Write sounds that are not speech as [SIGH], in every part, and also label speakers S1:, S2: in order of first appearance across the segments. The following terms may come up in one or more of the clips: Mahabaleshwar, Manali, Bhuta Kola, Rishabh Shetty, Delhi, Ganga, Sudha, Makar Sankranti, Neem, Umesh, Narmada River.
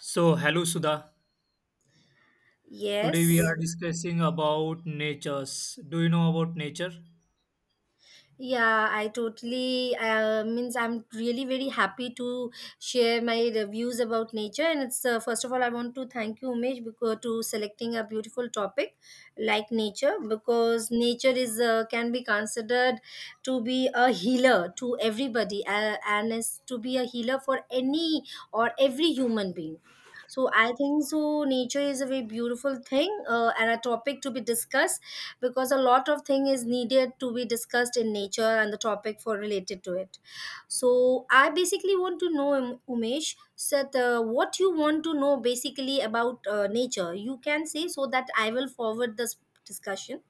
S1: So, hello Sudha. Today we
S2: Yes.
S1: are discussing about natures. Do you know about nature?
S2: Yeah, I totally means I'm really very happy to share my reviews about nature. And it's first of all, I want to thank you, Umesh, because to selecting a beautiful topic like nature, because nature is can be considered to be a healer to everybody, and is to be a healer for any or every human being. So I think so. Nature is a very beautiful thing and a topic to be discussed because a lot of thing is needed to be discussed in nature and the topic for related to it. So I basically want to know, Umesh, that what you want to know basically about nature, you can say, so that I will forward this discussion.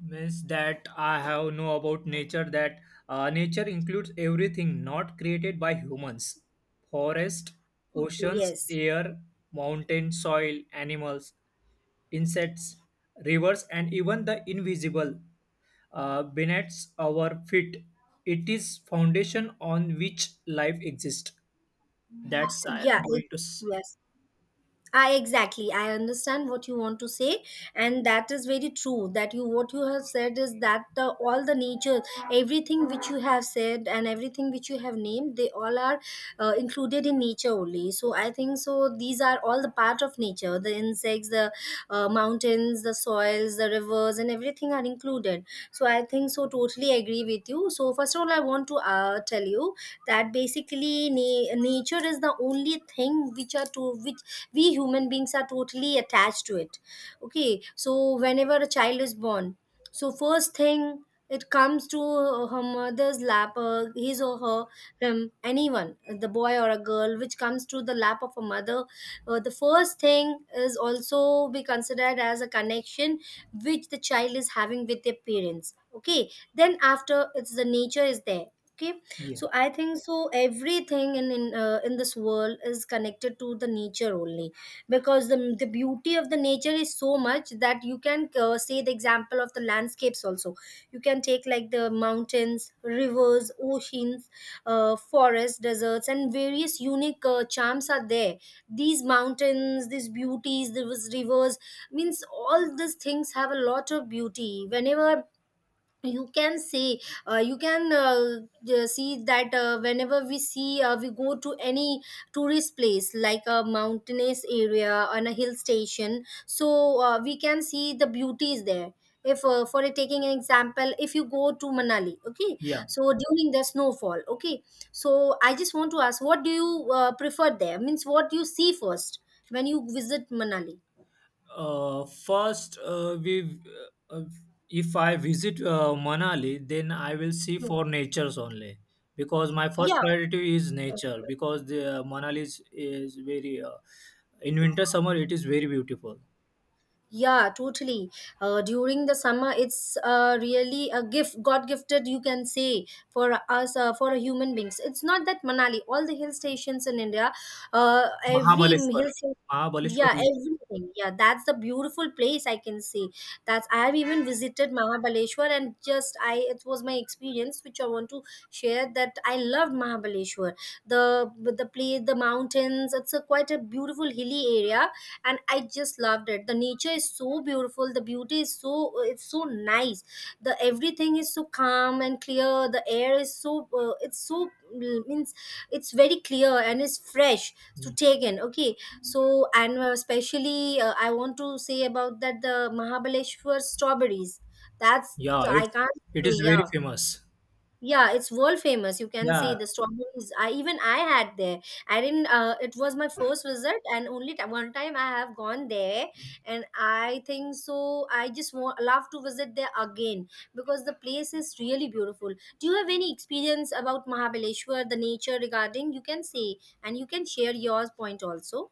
S1: Means that I have know about nature that nature includes everything not created by humans. Forest,
S2: Okay,
S1: oceans,
S2: yes.
S1: air, mountain, soil, animals, insects, rivers, and even the invisible beneath our feet. It is foundation on which life exists. That's I
S2: yeah
S1: am
S2: it-
S1: going to. S-
S2: yes, I I understand what you want to say, and that is very true. That you, what you have said is that all the nature, everything which you have said and everything which you have named, they all are included in nature only. So I think so. These are all the part of nature. The insects, the mountains, the soils, the rivers, and everything are included. So I think so. Totally agree with you. So first of all, I want to tell you that basically nature is the only thing which are to which we human beings are totally attached to it. Okay, so whenever a child is born, so first thing it comes to her mother's lap, his or her, anyone, the boy or a girl which comes to the lap of a mother, the first thing is also be considered as a connection which the child is having with their parents. Okay, then after it's the nature is there. Okay,
S1: Yeah.
S2: so I think so, everything in this world is connected to the nature only, because the beauty of the nature is so much that you can say the example of the landscapes also. You can take like the mountains, rivers, oceans, forests, deserts, and various unique charms are there. These mountains, these beauties, these rivers, means all these things have a lot of beauty. Whenever you can say, you can see that, whenever we see, we go to any tourist place like a mountainous area and a hill station, so we can see the beauties there. If taking an example, if you go to Manali, okay,
S1: Yeah.
S2: so during the snowfall, okay, so I just want to ask, what do you prefer there, means what do you see first when you visit Manali?
S1: First, we uh, uh, if I visit Manali, then I will see for natures only because my first
S2: Yeah.
S1: priority is nature because the Manali is very in winter summer it is very beautiful.
S2: Yeah, totally. During the summer, it's really a gift, God gifted, you can say, for us, for human beings. It's not that Manali, all the hill stations in India, every
S1: Mahabaleshwar,
S2: hill station.
S1: Mahabaleshwar,
S2: Yeah,
S1: is,
S2: everything. Yeah, that's the beautiful place I can say. That's I have even visited Mahabaleshwar, and just I it was my experience which I want to share, that I loved Mahabaleshwar. The place, the mountains. It's a quite a beautiful hilly area, and I just loved it. The nature is so beautiful, the beauty is so, it's so nice. The everything is so calm and clear. The air is so it's so means it's very clear and it's fresh to
S1: yeah,
S2: take in. Okay, so and especially I want to say about that the Mahabaleshwar strawberries, that's,
S1: yeah,
S2: I
S1: it's
S2: can't
S1: it is
S2: say.
S1: very
S2: Yeah,
S1: famous.
S2: yeah, it's world famous. You can say
S1: Yeah,
S2: the strawberries. I even I had there. I didn't. It was my first visit, and only one time I have gone there, and I think so. I just want love to visit there again, because the place is really beautiful. Do you have any experience about Mahabaleshwar, the nature regarding? You can say, and you can share your point also.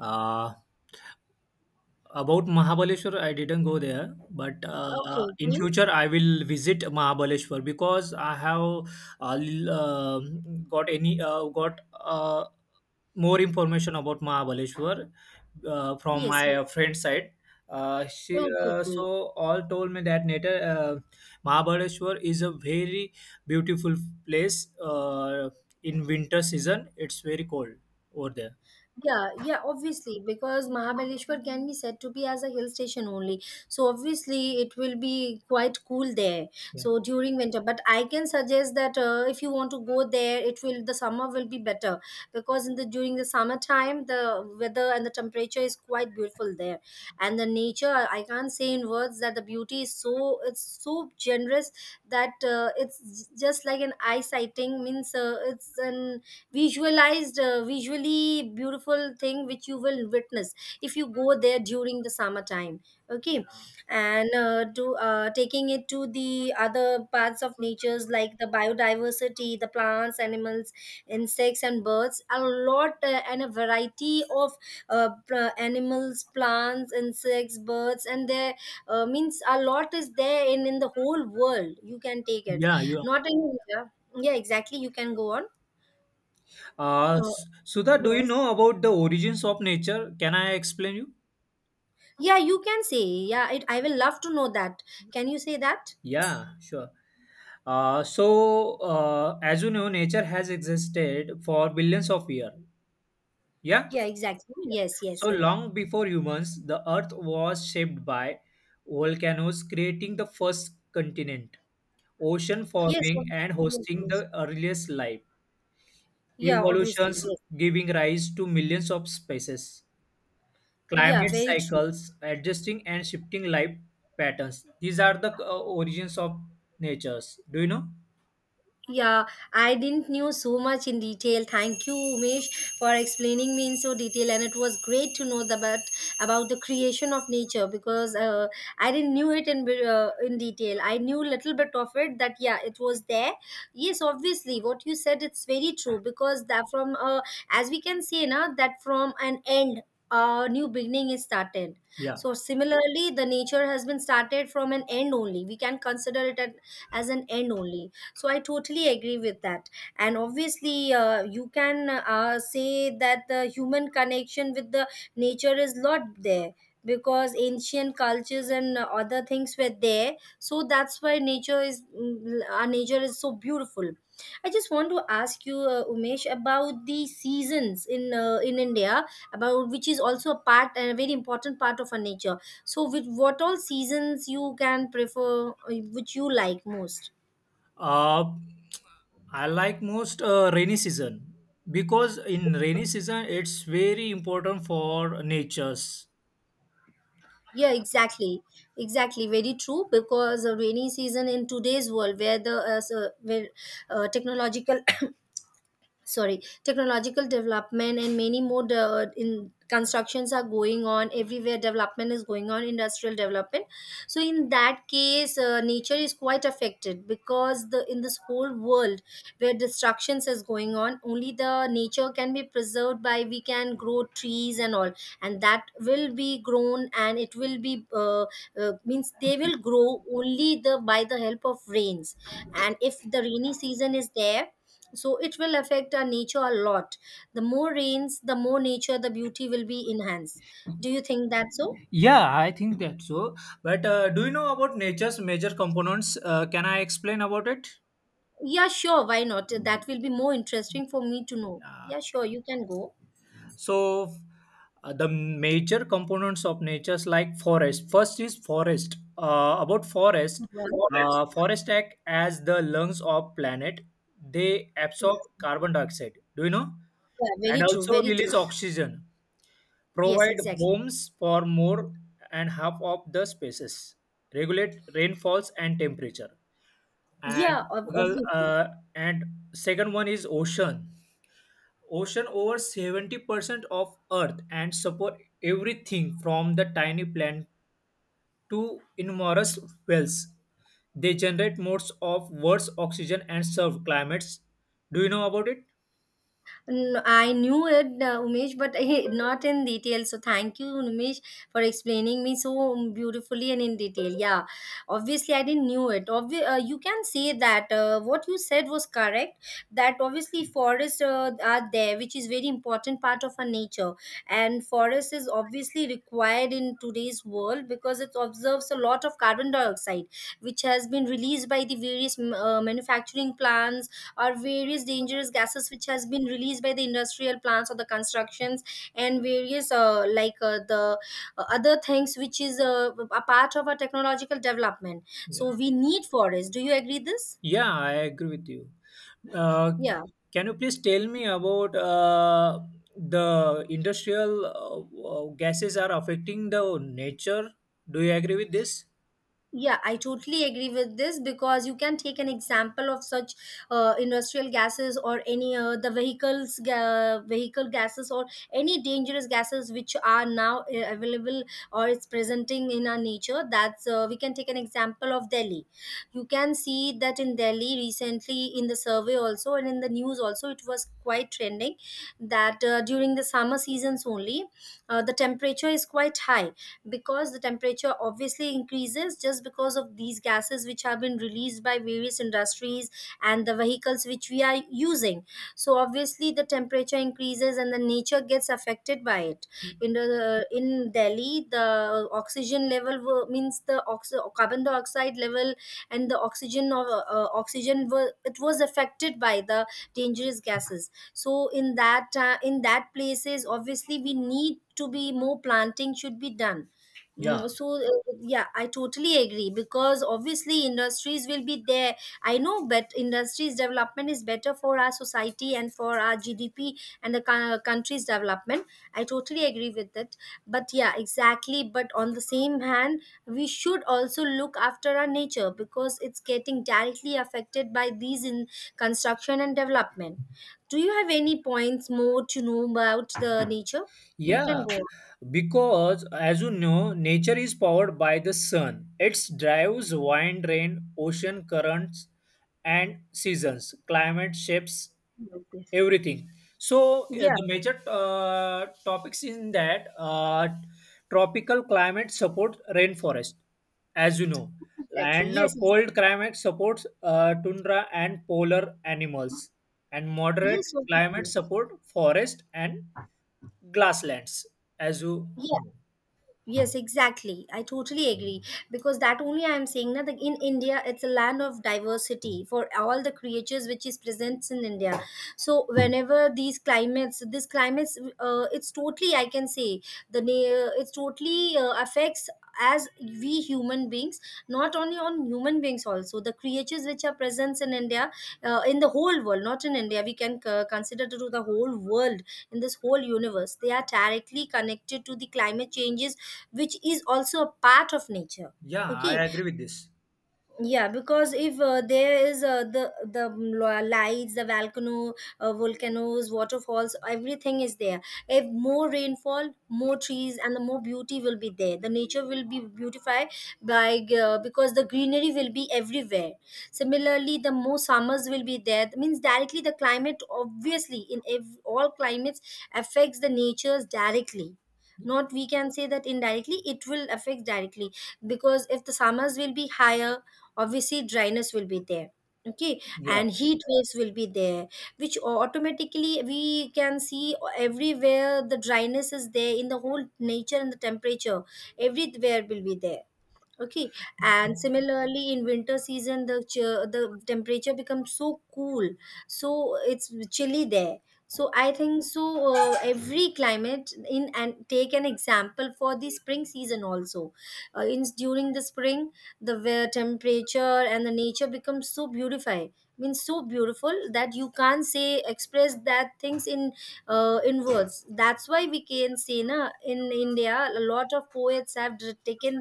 S1: uh, about Mahabaleshwar, I didn't go there, but
S2: Okay,
S1: in
S2: okay.
S1: future I will visit Mahabaleshwar because I have got any got more information about Mahabaleshwar from my
S2: Yes, yes.
S1: friend's side. She
S2: Okay, okay.
S1: so all told me that later Mahabaleshwar is a very beautiful place in winter season. It's very cold over there.
S2: Yeah, yeah, obviously, because Mahabaleshwar can be said to be as a hill station only. So obviously, it will be quite cool there.
S1: Yeah,
S2: So during winter, but I can suggest that if you want to go there, it will the summer will be better, because in the during the summertime, the weather and the temperature is quite beautiful there, and the nature, I can't say in words that the beauty is so, it's so generous, that it's just like an eye sighting, means it's an visualized visually beautiful thing which you will witness if you go there during the summertime. Okay, and to taking it to the other parts of natures, like the biodiversity, the plants, animals, insects, and birds, a lot, and a variety of animals, plants, insects, birds, and there, means a lot is there in the whole world, you can take it,
S1: yeah, you
S2: not in. Yeah. Yeah, exactly, you can go on.
S1: S- Sudha, do you
S2: Yes.
S1: know about the origins of nature? Can I explain you?
S2: Yeah, you can say. Yeah, it, I will love to know that. Can you say that?
S1: Yeah, sure. As you know, nature has existed for billions of years. Yeah? Yeah.
S2: Yeah, exactly. Yes, yes,
S1: So
S2: yes.
S1: long before humans, the earth was shaped by volcanoes, creating the first continent, ocean
S2: Yes,
S1: forming
S2: ob-
S1: and
S2: yes,
S1: hosting
S2: yes.
S1: the earliest life,
S2: Yeah, obviously.
S1: evolutions
S2: Yes.
S1: giving rise to millions of species.
S2: Yeah,
S1: Climate
S2: very true.
S1: cycles, adjusting and shifting life patterns. These are the origins of natures. Do you know?
S2: Yeah, I didn't knew so much in detail. Thank you, Umesh, for explaining me in so detail, and it was great to know about the creation of nature, because I didn't knew it in detail. I knew little bit of it, that yeah, it was there. Yes, obviously, what you said it's very true, because that from as we can say now, that from an end, a new beginning is started.
S1: Yeah.
S2: So similarly, the nature has been started from an end only. We can consider it at, as an end only. So I totally agree with that. And obviously you can say that the human connection with the nature is not there, because ancient cultures and other things were there. So that's why nature is, our nature is so beautiful. I just want to ask you, Umesh, about the seasons in India, about which is also a part and a very important part of our nature. So with what all seasons you can prefer, which you like most?
S1: Uh, I like most rainy season because in rainy season it's very important for natures.
S2: Yeah, exactly. Exactly. Very true. Because a rainy season in today's world, where the where technological [COUGHS] sorry, technological development and many more in constructions are going on, everywhere development is going on, industrial development. So in that case, nature is quite affected, because the in this whole world where destructions is going on, only the nature can be preserved by we can grow trees and all, and that will be grown, and it will be means they will grow only the by the help of rains. And if the rainy season is there, so it will affect our nature a lot. The more rains, the more nature, the beauty will be enhanced. Do you think that so?
S1: Yeah, I think that so. But do you know about nature's major components? Can I explain about it?
S2: Yeah, sure, why not, that will be more interesting for me to know. Yeah, sure, you can go.
S1: So the major components of natures like forest. First is forest. About forest,
S2: Yeah,
S1: forest act as the lungs of planet. They absorb
S2: yes.
S1: carbon dioxide. Do you know?
S2: Yeah, very
S1: And
S2: true,
S1: also
S2: very
S1: release
S2: true.
S1: oxygen.
S2: Yes,
S1: Provide
S2: exactly.
S1: homes for more and half of the spaces. Regulate rainfalls and temperature. And
S2: Obviously.
S1: uh, and second one is ocean over 70% of earth and support everything from the tiny plant to enormous whales. They generate modes of worse oxygen and serve climates. Do you know about it?
S2: I knew it, Umesh, but not in detail. So thank you, Umesh, for explaining me so beautifully and in detail. Yeah, obviously I didn't knew it. You can say that what you said was correct. That obviously forests are there, which is very important part of our nature, and forest is obviously required in today's world, because it observes a lot of carbon dioxide, which has been released by the various manufacturing plants or various dangerous gases which has been released by the industrial plants or the constructions and various the other things which is a part of our technological development.
S1: Yeah.
S2: So we need forest, do you agree this?
S1: Yeah, I agree with you. uh,
S2: Yeah.
S1: can you please tell me about the industrial gases are affecting the nature? Do you agree with this?
S2: Yeah, I totally agree with this, because you can take an example of such industrial gases or any the vehicles vehicle gases or any dangerous gases which are now available or it's presenting in our nature. That's we can take an example of Delhi. You can see that in Delhi recently in the survey also, and in the news also, it was quite trending that during the summer seasons only, the temperature is quite high because the temperature obviously increases just because of these gases which have been released by various industries and the vehicles which we are using, so obviously the temperature increases and the nature gets affected by it. In Delhi, the oxygen level means the carbon dioxide level and the oxygen of oxygen were, it was affected by the dangerous gases. So in that, in that places obviously we need to be, more planting should be done.
S1: Yeah.
S2: So, yeah, I totally agree because obviously industries will be there. I know, but industries development is better for our society and for our GDP and the country's development. I totally agree with that. But yeah, exactly. But on the same hand, we should also look after our nature because it's getting directly affected by these in construction and development. Do you have any points more to know about the nature? You can
S1: Yeah,
S2: go on.
S1: because, as you know, nature is powered by the sun. It drives wind, rain, ocean currents, and seasons. Climate shapes everything. So,
S2: Yeah.
S1: the major topics in that, tropical climate supports rainforest, as you know,
S2: Exactly.
S1: and
S2: Yes. Exactly.
S1: cold climate supports tundra and polar animals, and moderate
S2: Yes.
S1: climate
S2: Obviously.
S1: support forest and Glasslands, as you
S2: Yeah. Yes, exactly. I totally agree because that only I am saying that in India it's a land of diversity for all the creatures which is present in India. So whenever these climates, this climates, it's totally I can say, it's totally affects as we human beings, not only on human beings, also the creatures which are present in India, in the whole world, not in India, we can consider to the whole world, in this whole universe they are directly connected to the climate changes, which is also a part of nature.
S1: Yeah,
S2: Okay.
S1: I agree with this.
S2: Yeah, because if there is, the lights, the volcano, volcanoes, waterfalls, everything is there. If more rainfall, more trees, and the more beauty will be there, the nature will be beautified by, because the greenery will be everywhere. Similarly, the more summers will be there, that means directly the climate, obviously, all climates affects the natures directly, not we can say that indirectly, it will affect directly, because if the summers will be higher, obviously dryness will be there. Okay.
S1: Yeah,
S2: And heat waves will be there, which automatically we can see everywhere, the dryness is there in the whole nature, and the temperature everywhere will be there. Okay. And similarly, in winter season, the temperature becomes so cool, so it's chilly there. So I think so, every climate in, and take an example for the spring season also. In during the spring, the where temperature and the nature becomes so beautified, means so beautiful that you can't say, express that things in, in words. That's why we can say na, in India a lot of poets have taken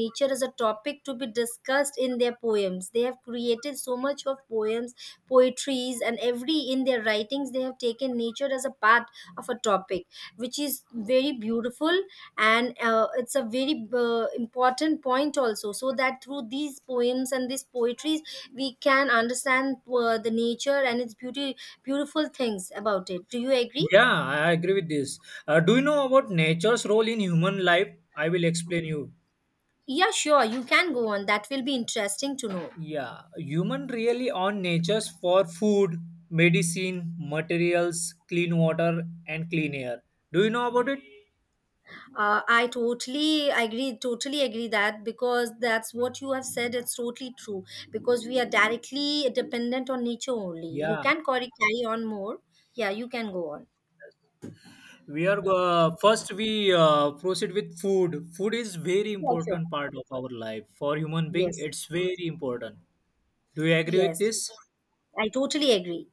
S2: nature is a topic to be discussed in their poems. They have created so much of poems, poetries, and every in their writings they have taken nature as a part of a topic, which is very beautiful. And it's a very important point also, so that through these poems and these poetries we can understand the nature and its beauty, beautiful things about it. Do you agree?
S1: yeah, I agree with this. Do you know about nature's role in human life? I will explain you.
S2: Yeah, sure, you can go on. That will be interesting to know.
S1: Yeah, human really on nature's for food, medicine, materials, clean water, and clean air. Do you know about it?
S2: I totally agree that, because that's what you have said. It's totally true because we are directly dependent on nature only. You
S1: Yeah,
S2: can carry on more. Yeah, you can go on.
S1: we are first we proceed with food. Food is very
S2: Yeah, sure.
S1: important part of our life for human being.
S2: Yes,
S1: It's very important. Do you agree with
S2: yes.
S1: this?
S2: I totally agree.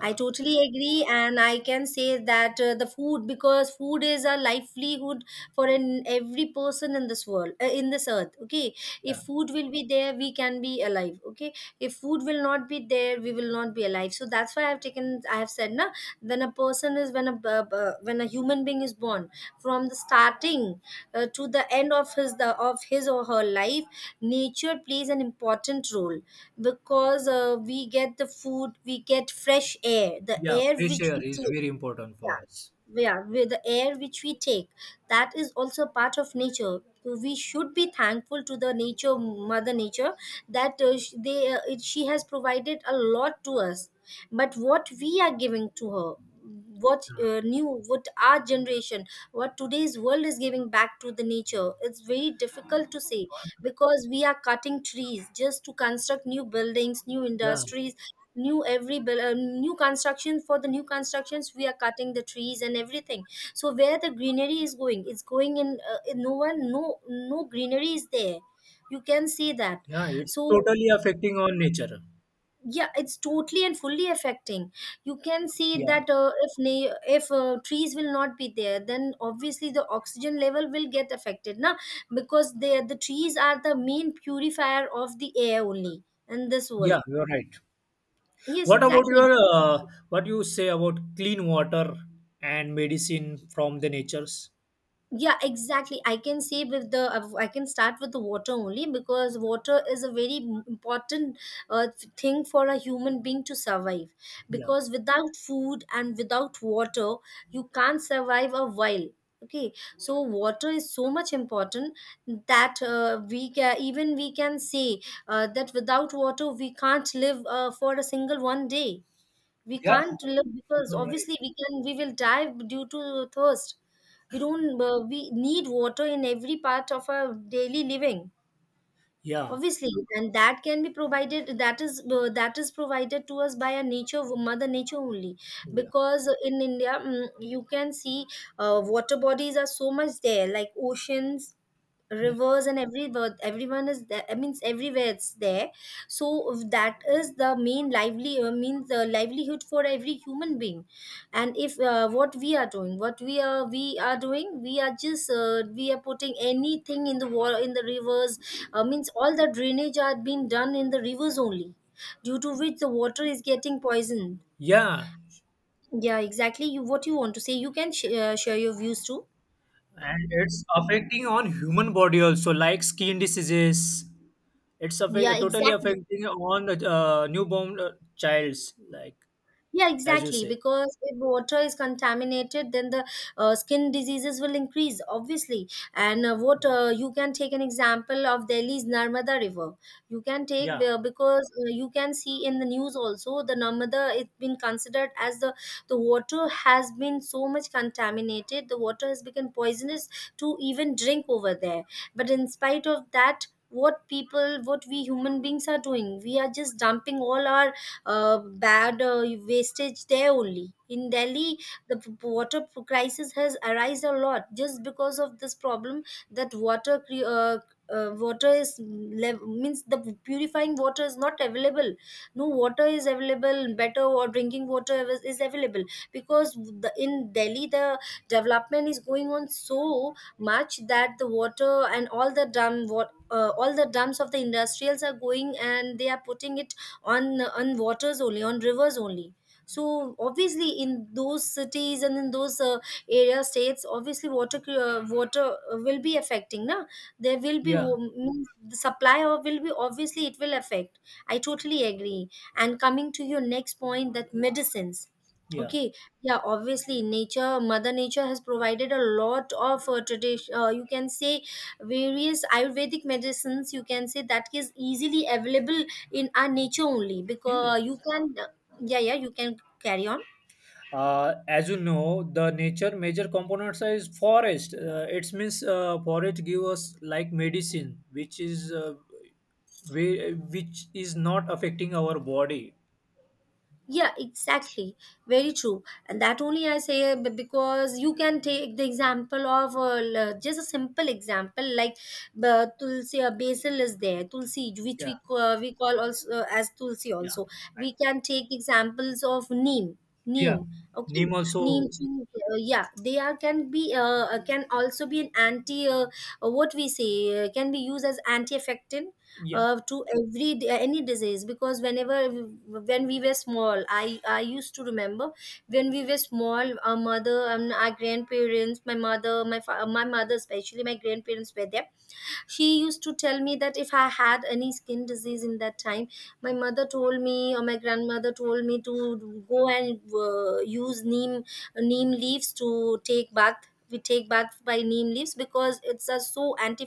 S2: I totally agree, and I can say that, the food, because food is a livelihood for an, every person in this world, in this earth. Okay,
S1: Yeah,
S2: if food will be there, we can be alive. Okay, if food will not be there, we will not be alive. So that's why I've taken, I have said, na, when a person is, when a human being is born, from the starting to the end of his, the of his or her life, nature plays an important role because we get the food, we get fresh air, the
S1: yeah,
S2: air
S1: fresh
S2: which
S1: air
S2: we
S1: is
S2: take.
S1: very important for us.
S2: Yeah, yeah, with the air which we take, that is also part of nature. So we should be thankful to the nature, Mother Nature, that they, it, she has provided a lot to us, but what we are giving to her, what new, what our generation, what today's world is giving back to the nature, it's very difficult to say because we are cutting trees just to construct new buildings, new
S1: Yeah,
S2: industries, new construction, for the new constructions we are cutting the trees and everything. So where the greenery is going? It's going in no one, no greenery is there, you can see that.
S1: yeah, it's
S2: So
S1: totally affecting on nature.
S2: yeah, it's totally and fully affecting. You can see
S1: Yeah,
S2: that if trees will not be there, then obviously the oxygen level will get affected now, because they, the trees, are the main purifier of the air only in this world.
S1: yeah, you're right.
S2: Yes,
S1: What about
S2: exactly.
S1: your uh, what you say about clean water and medicine from the natures?
S2: Yeah, exactly. I can say with the, I can start with the water only, because water is a very important thing for a human being to survive,
S1: Yeah,
S2: because without food and without water you can't survive a while. Okay, so water is so much important that we can even, we can say that without water we can't live for a single one day, we
S1: yeah,
S2: can't live, because
S1: you're right.
S2: obviously we will die due to thirst. We don't uh, we need water in every part of our daily living,
S1: Yeah,
S2: obviously, and that can be provided, that is, that is provided to us by a nature, Mother Nature only.
S1: yeah,
S2: Because in India, you can see, water bodies are so much there, like oceans,
S1: yeah,
S2: rivers, and every, everyone is there, I mean everywhere it's there. So if that is the main lively means the livelihood for every human being, and if what we are doing, what we are doing, we are just, we are putting anything in the water, in the rivers, means all the drainage are being done in the rivers only, due to which the water is getting poisoned.
S1: yeah,
S2: Yeah, exactly. You, what you want to say, you can share your views too.
S1: and it's affecting on human body also, like skin diseases. It's
S2: Yeah,
S1: affect, totally
S2: exactly.
S1: affecting on the newborn childs, like
S2: Yeah,
S1: as you
S2: exactly.
S1: say.
S2: Because if water is contaminated, then the skin diseases will increase, obviously. And water, you can take an example of Delhi's Narmada River. You can take,
S1: Yeah.
S2: because you can see in the news also. The Narmada, it's been considered as, the water has been so much contaminated. The water has become poisonous to even drink over there. But in spite of that. What people, what we human beings are doing, we are just dumping all our bad wastage there only. In Delhi, the water crisis has arise a lot, just because of this problem that water is means the purifying water is not available, no water is available, better or drinking water is available, because the, in Delhi the development is going on so much that the water and all the dump, what, all the dumps of the industrials are going, and they are putting it on waters only, on rivers only. So obviously in those cities and in those area, states, obviously water will be affecting, na, there will be
S1: Yeah,
S2: means the supply of will be, obviously it will affect. I totally agree. And coming to your next point, that medicines.
S1: yeah.
S2: Okay. Yeah, obviously nature, Mother Nature, has provided a lot of tradition, you can say various ayurvedic medicines, you can say that is easily available in our nature only, because you
S1: Yes.
S2: can. Yeah, yeah, you can carry on.
S1: As you know, the nature major components is forest. It means forest give us like medicine, which is which is not affecting our body.
S2: Yeah, exactly. Very true. And that only I say because you can take the example of, just a simple example like, tulsi, basil is there, tulsi, which
S1: Yeah,
S2: we, we call also as tulsi
S1: yeah,
S2: also, we can take examples of neem,
S1: yeah.
S2: neem. Okay,
S1: Neem also.
S2: neem tree. Yeah, they are, can be, can also be an anti. What we say, can be used as anti-effective
S1: Yeah,
S2: to every any disease, because whenever, when we were small, I used to remember, when we were small, our mother and our grandparents, my mother, my mother especially, my grandparents were there. She used to tell me that if I had any skin disease, in that time my mother told me, or my grandmother told me, to go and use neem leaves to take bath. We take bath by neem leaves, because it's a so anti,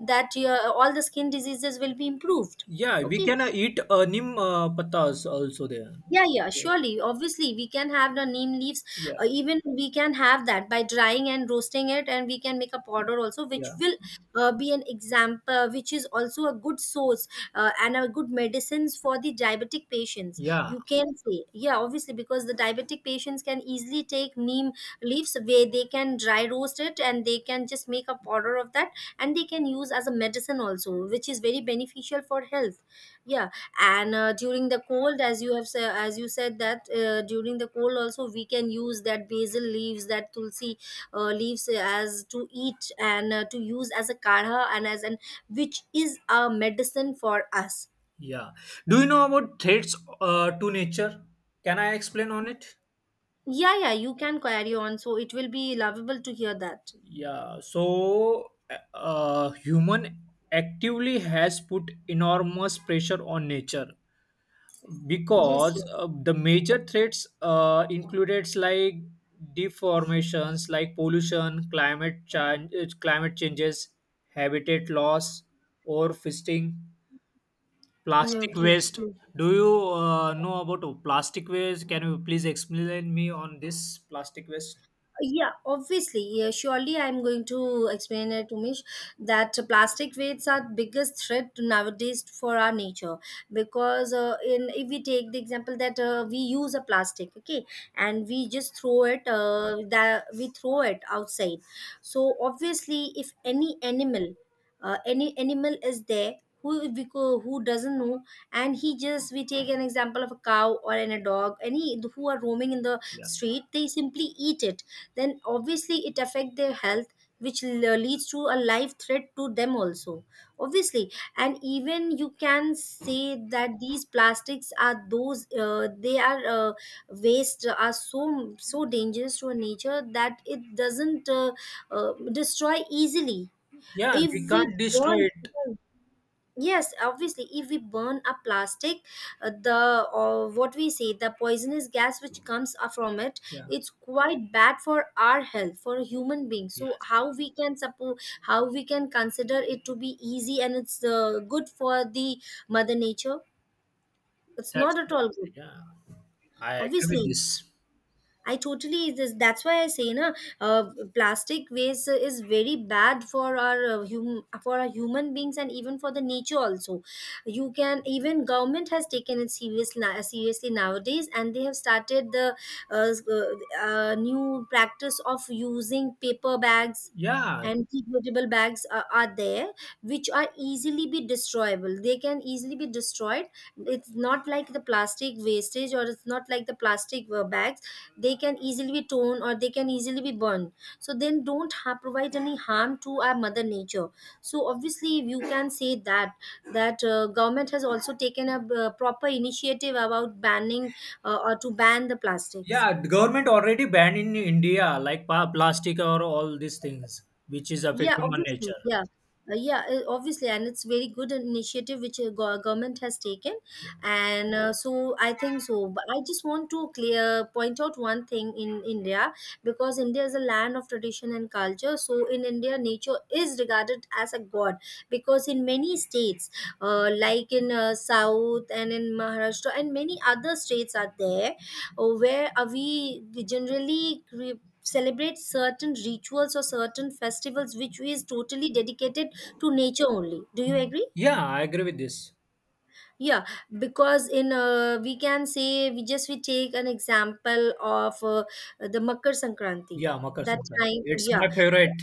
S2: that your all the skin diseases will be improved.
S1: yeah. We
S2: Okay.
S1: can eat neem patas also there.
S2: Yeah, yeah, surely. Obviously, we can have the neem leaves.
S1: Yeah,
S2: Even we can have that by drying and roasting it, and we can make a powder also, which
S1: yeah,
S2: will be an example, which is also a good source, and a good medicines for the diabetic patients.
S1: yeah,
S2: You can say, yeah, obviously, because the diabetic patients can easily take neem leaves where they can dry roast it and they can just make a powder of that, and they can use as a medicine also, which is very beneficial for health. Yeah, and during the cold as you said that during the cold also we can use that basil leaves, that tulsi leaves as to eat and to use as a kadha and as an which is a medicine for us.
S1: yeah. Do you know about threats to nature? Can I explain on it?
S2: Yeah, you can carry on, so it will be lovable to hear that.
S1: Yeah, so human actively has put enormous pressure on nature
S2: Yes,
S1: because
S2: yes.
S1: the major threats included like deformations like pollution, climate changes, habitat loss, overfishing,
S2: Yeah,
S1: plastic
S2: okay.
S1: waste.
S2: Okay.
S1: Do you know about plastic waste? Can you please explain me on this plastic waste?
S2: Yeah, obviously. Yeah, surely I'm going to explain it to Mish that plastic waste are biggest threat nowadays for our nature, because in if we take the example that we use a plastic, okay, and we just throw it, that we throw it outside. So obviously if any animal, any animal is there, who doesn't know, and he just we take an example of a cow or an, a dog, any who are roaming in the
S1: Yeah.
S2: street, they simply eat it. Then obviously it affect their health, which leads to a life threat to them also, obviously. And even you can say that these plastics are those, they are waste are so so dangerous to our nature that it doesn't destroy easily.
S1: Yeah,
S2: If
S1: we
S2: we
S1: can't destroy
S2: burn.
S1: it.
S2: Yes, obviously, if we burn a plastic, the or what we say the poisonous gas which comes from it,
S1: Yeah.
S2: it's quite bad for our health, for a human being. So how we can support, how we can consider it to be easy and it's good for the mother nature? It's
S1: That's
S2: not at
S1: what-
S2: all good,
S1: yeah, I agree with
S2: obviously.
S1: this.
S2: I totally this. That's why I say, na, plastic waste is very bad for our for our human beings and even for the nature also. You can even government has taken it seriously nowadays, and they have started the new practice of using paper bags.
S1: Yeah,
S2: And degradable bags are there, which are easily be destroyable. They can easily be destroyed. It's not like the plastic wastage, or it's not like the plastic bag, they can easily be torn or they can easily be burned, so then don't ha- provide any harm to our mother nature. So obviously you can say that government has also taken a proper initiative about banning or to ban the plastics.
S1: yeah. The government already banned in India like pa- plastic or all these things, which is
S2: Yeah,
S1: affecting on
S2: obviously.
S1: nature.
S2: Yeah. Yeah, obviously, and it's very good initiative which government has taken, and so I think so. But I just want to clear point out one thing in India, because India is a land of tradition and culture. So in India, nature is regarded as a god, because in many states, like in South and in Maharashtra and many other states are there, where we generally celebrate certain rituals or certain festivals which is totally dedicated to nature only. Do you agree?
S1: Yeah, I agree with this.
S2: Yeah, because in we can say, we take an example of the Makar Sankranti,
S1: Yeah, Makar
S2: that
S1: Sankranti.
S2: time.
S1: It's
S2: Yeah,
S1: my favorite.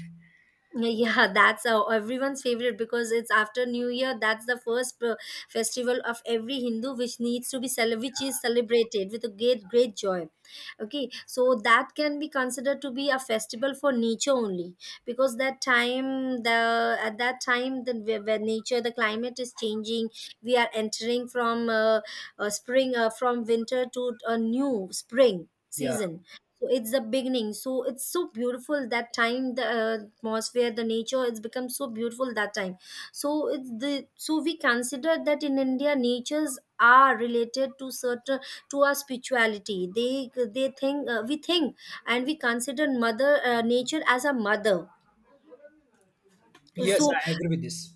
S2: yeah, that's everyone's favorite because it's after New Year. That's the first festival of every Hindu, which needs to be cele- which is celebrated with a great joy. Okay, so that can be considered to be a festival for nature only, because that time the at that time, the where nature, the climate is changing. We are entering from spring from winter to a new spring
S1: Yeah.
S2: season. So it's the beginning. So it's so beautiful that time, the atmosphere, the nature, it's become so beautiful that time. So it's the, so we consider that in India natures are related to certain, to our spirituality. They think We think and we consider mother nature as a mother.
S1: Yes,
S2: So
S1: I agree with this.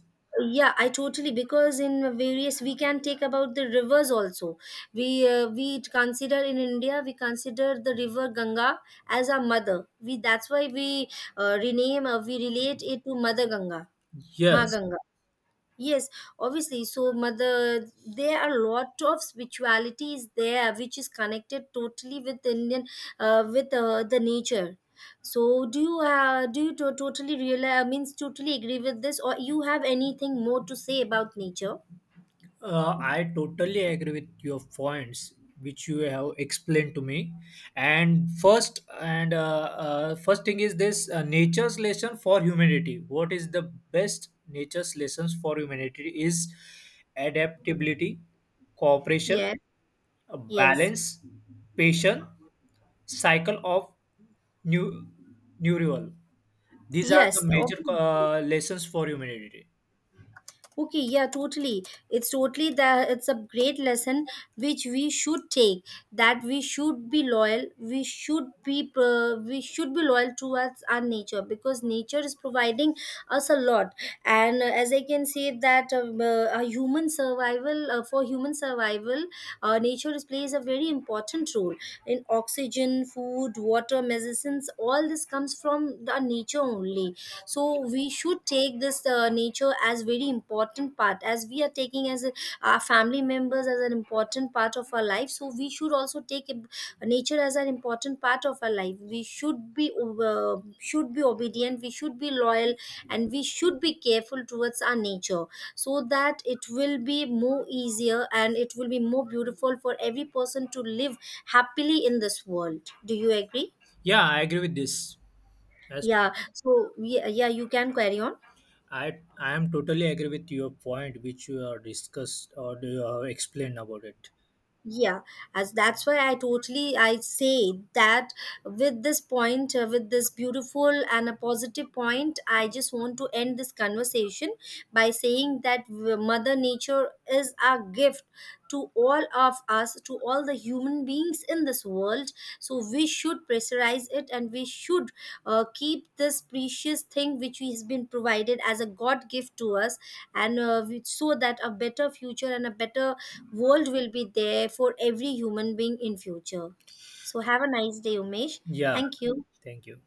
S2: yeah, I totally, because in various, we can take about the rivers also. We consider in India, we consider the river Ganga as our mother. We That's why we rename we relate it to mother Ganga, Ma
S1: Yes.
S2: Ganga. Yes, obviously. So, mother, there are a lot of spiritualities there, which is connected totally with Indian, with the nature. So, do you totally realize? Means totally agree with this, or you have anything more to say about nature?
S1: I totally agree with your points which you have explained to me. And first thing is this nature's lesson for humanity. What is the best nature's lessons for humanity is adaptability, cooperation,
S2: Yeah. Yes.
S1: balance, patience, cycle of new neural. These are the
S2: Yes.
S1: major
S2: Obviously.
S1: lessons for humanity.
S2: Okay, yeah, totally. It's totally that it's a great lesson which we should take. That we should be loyal. We should be loyal towards our nature, because nature is providing us a lot. And as I can say that a human survival for human survival, nature is- plays a very important role in oxygen, food, water, medicines. All this comes from the nature only, so we should take this nature as very important part, as we are taking as a, our family members as an important part of our life, so we should also nature as an important part of our life. We should be obedient, we should be loyal, and we should be careful towards our nature, so that it will be more easier and it will be more beautiful for every person to live happily in this world. Do you agree?
S1: Yeah, I agree with this. As
S2: Yeah, so yeah, yeah, you can carry on.
S1: I am totally agree with your point, which you have discussed or you have explained about it.
S2: Yeah, as that's why I totally, I say that with this point, with this beautiful and a positive point, I just want to end this conversation by saying that mother nature is a gift to all of us, to all the human beings in this world. So we should pressurize it and we should keep this precious thing which has been provided as a god gift to us, and so that a better future and a better world will be there for every human being in future. So have a nice day, Umesh,
S1: Yeah,
S2: thank you.
S1: thank you.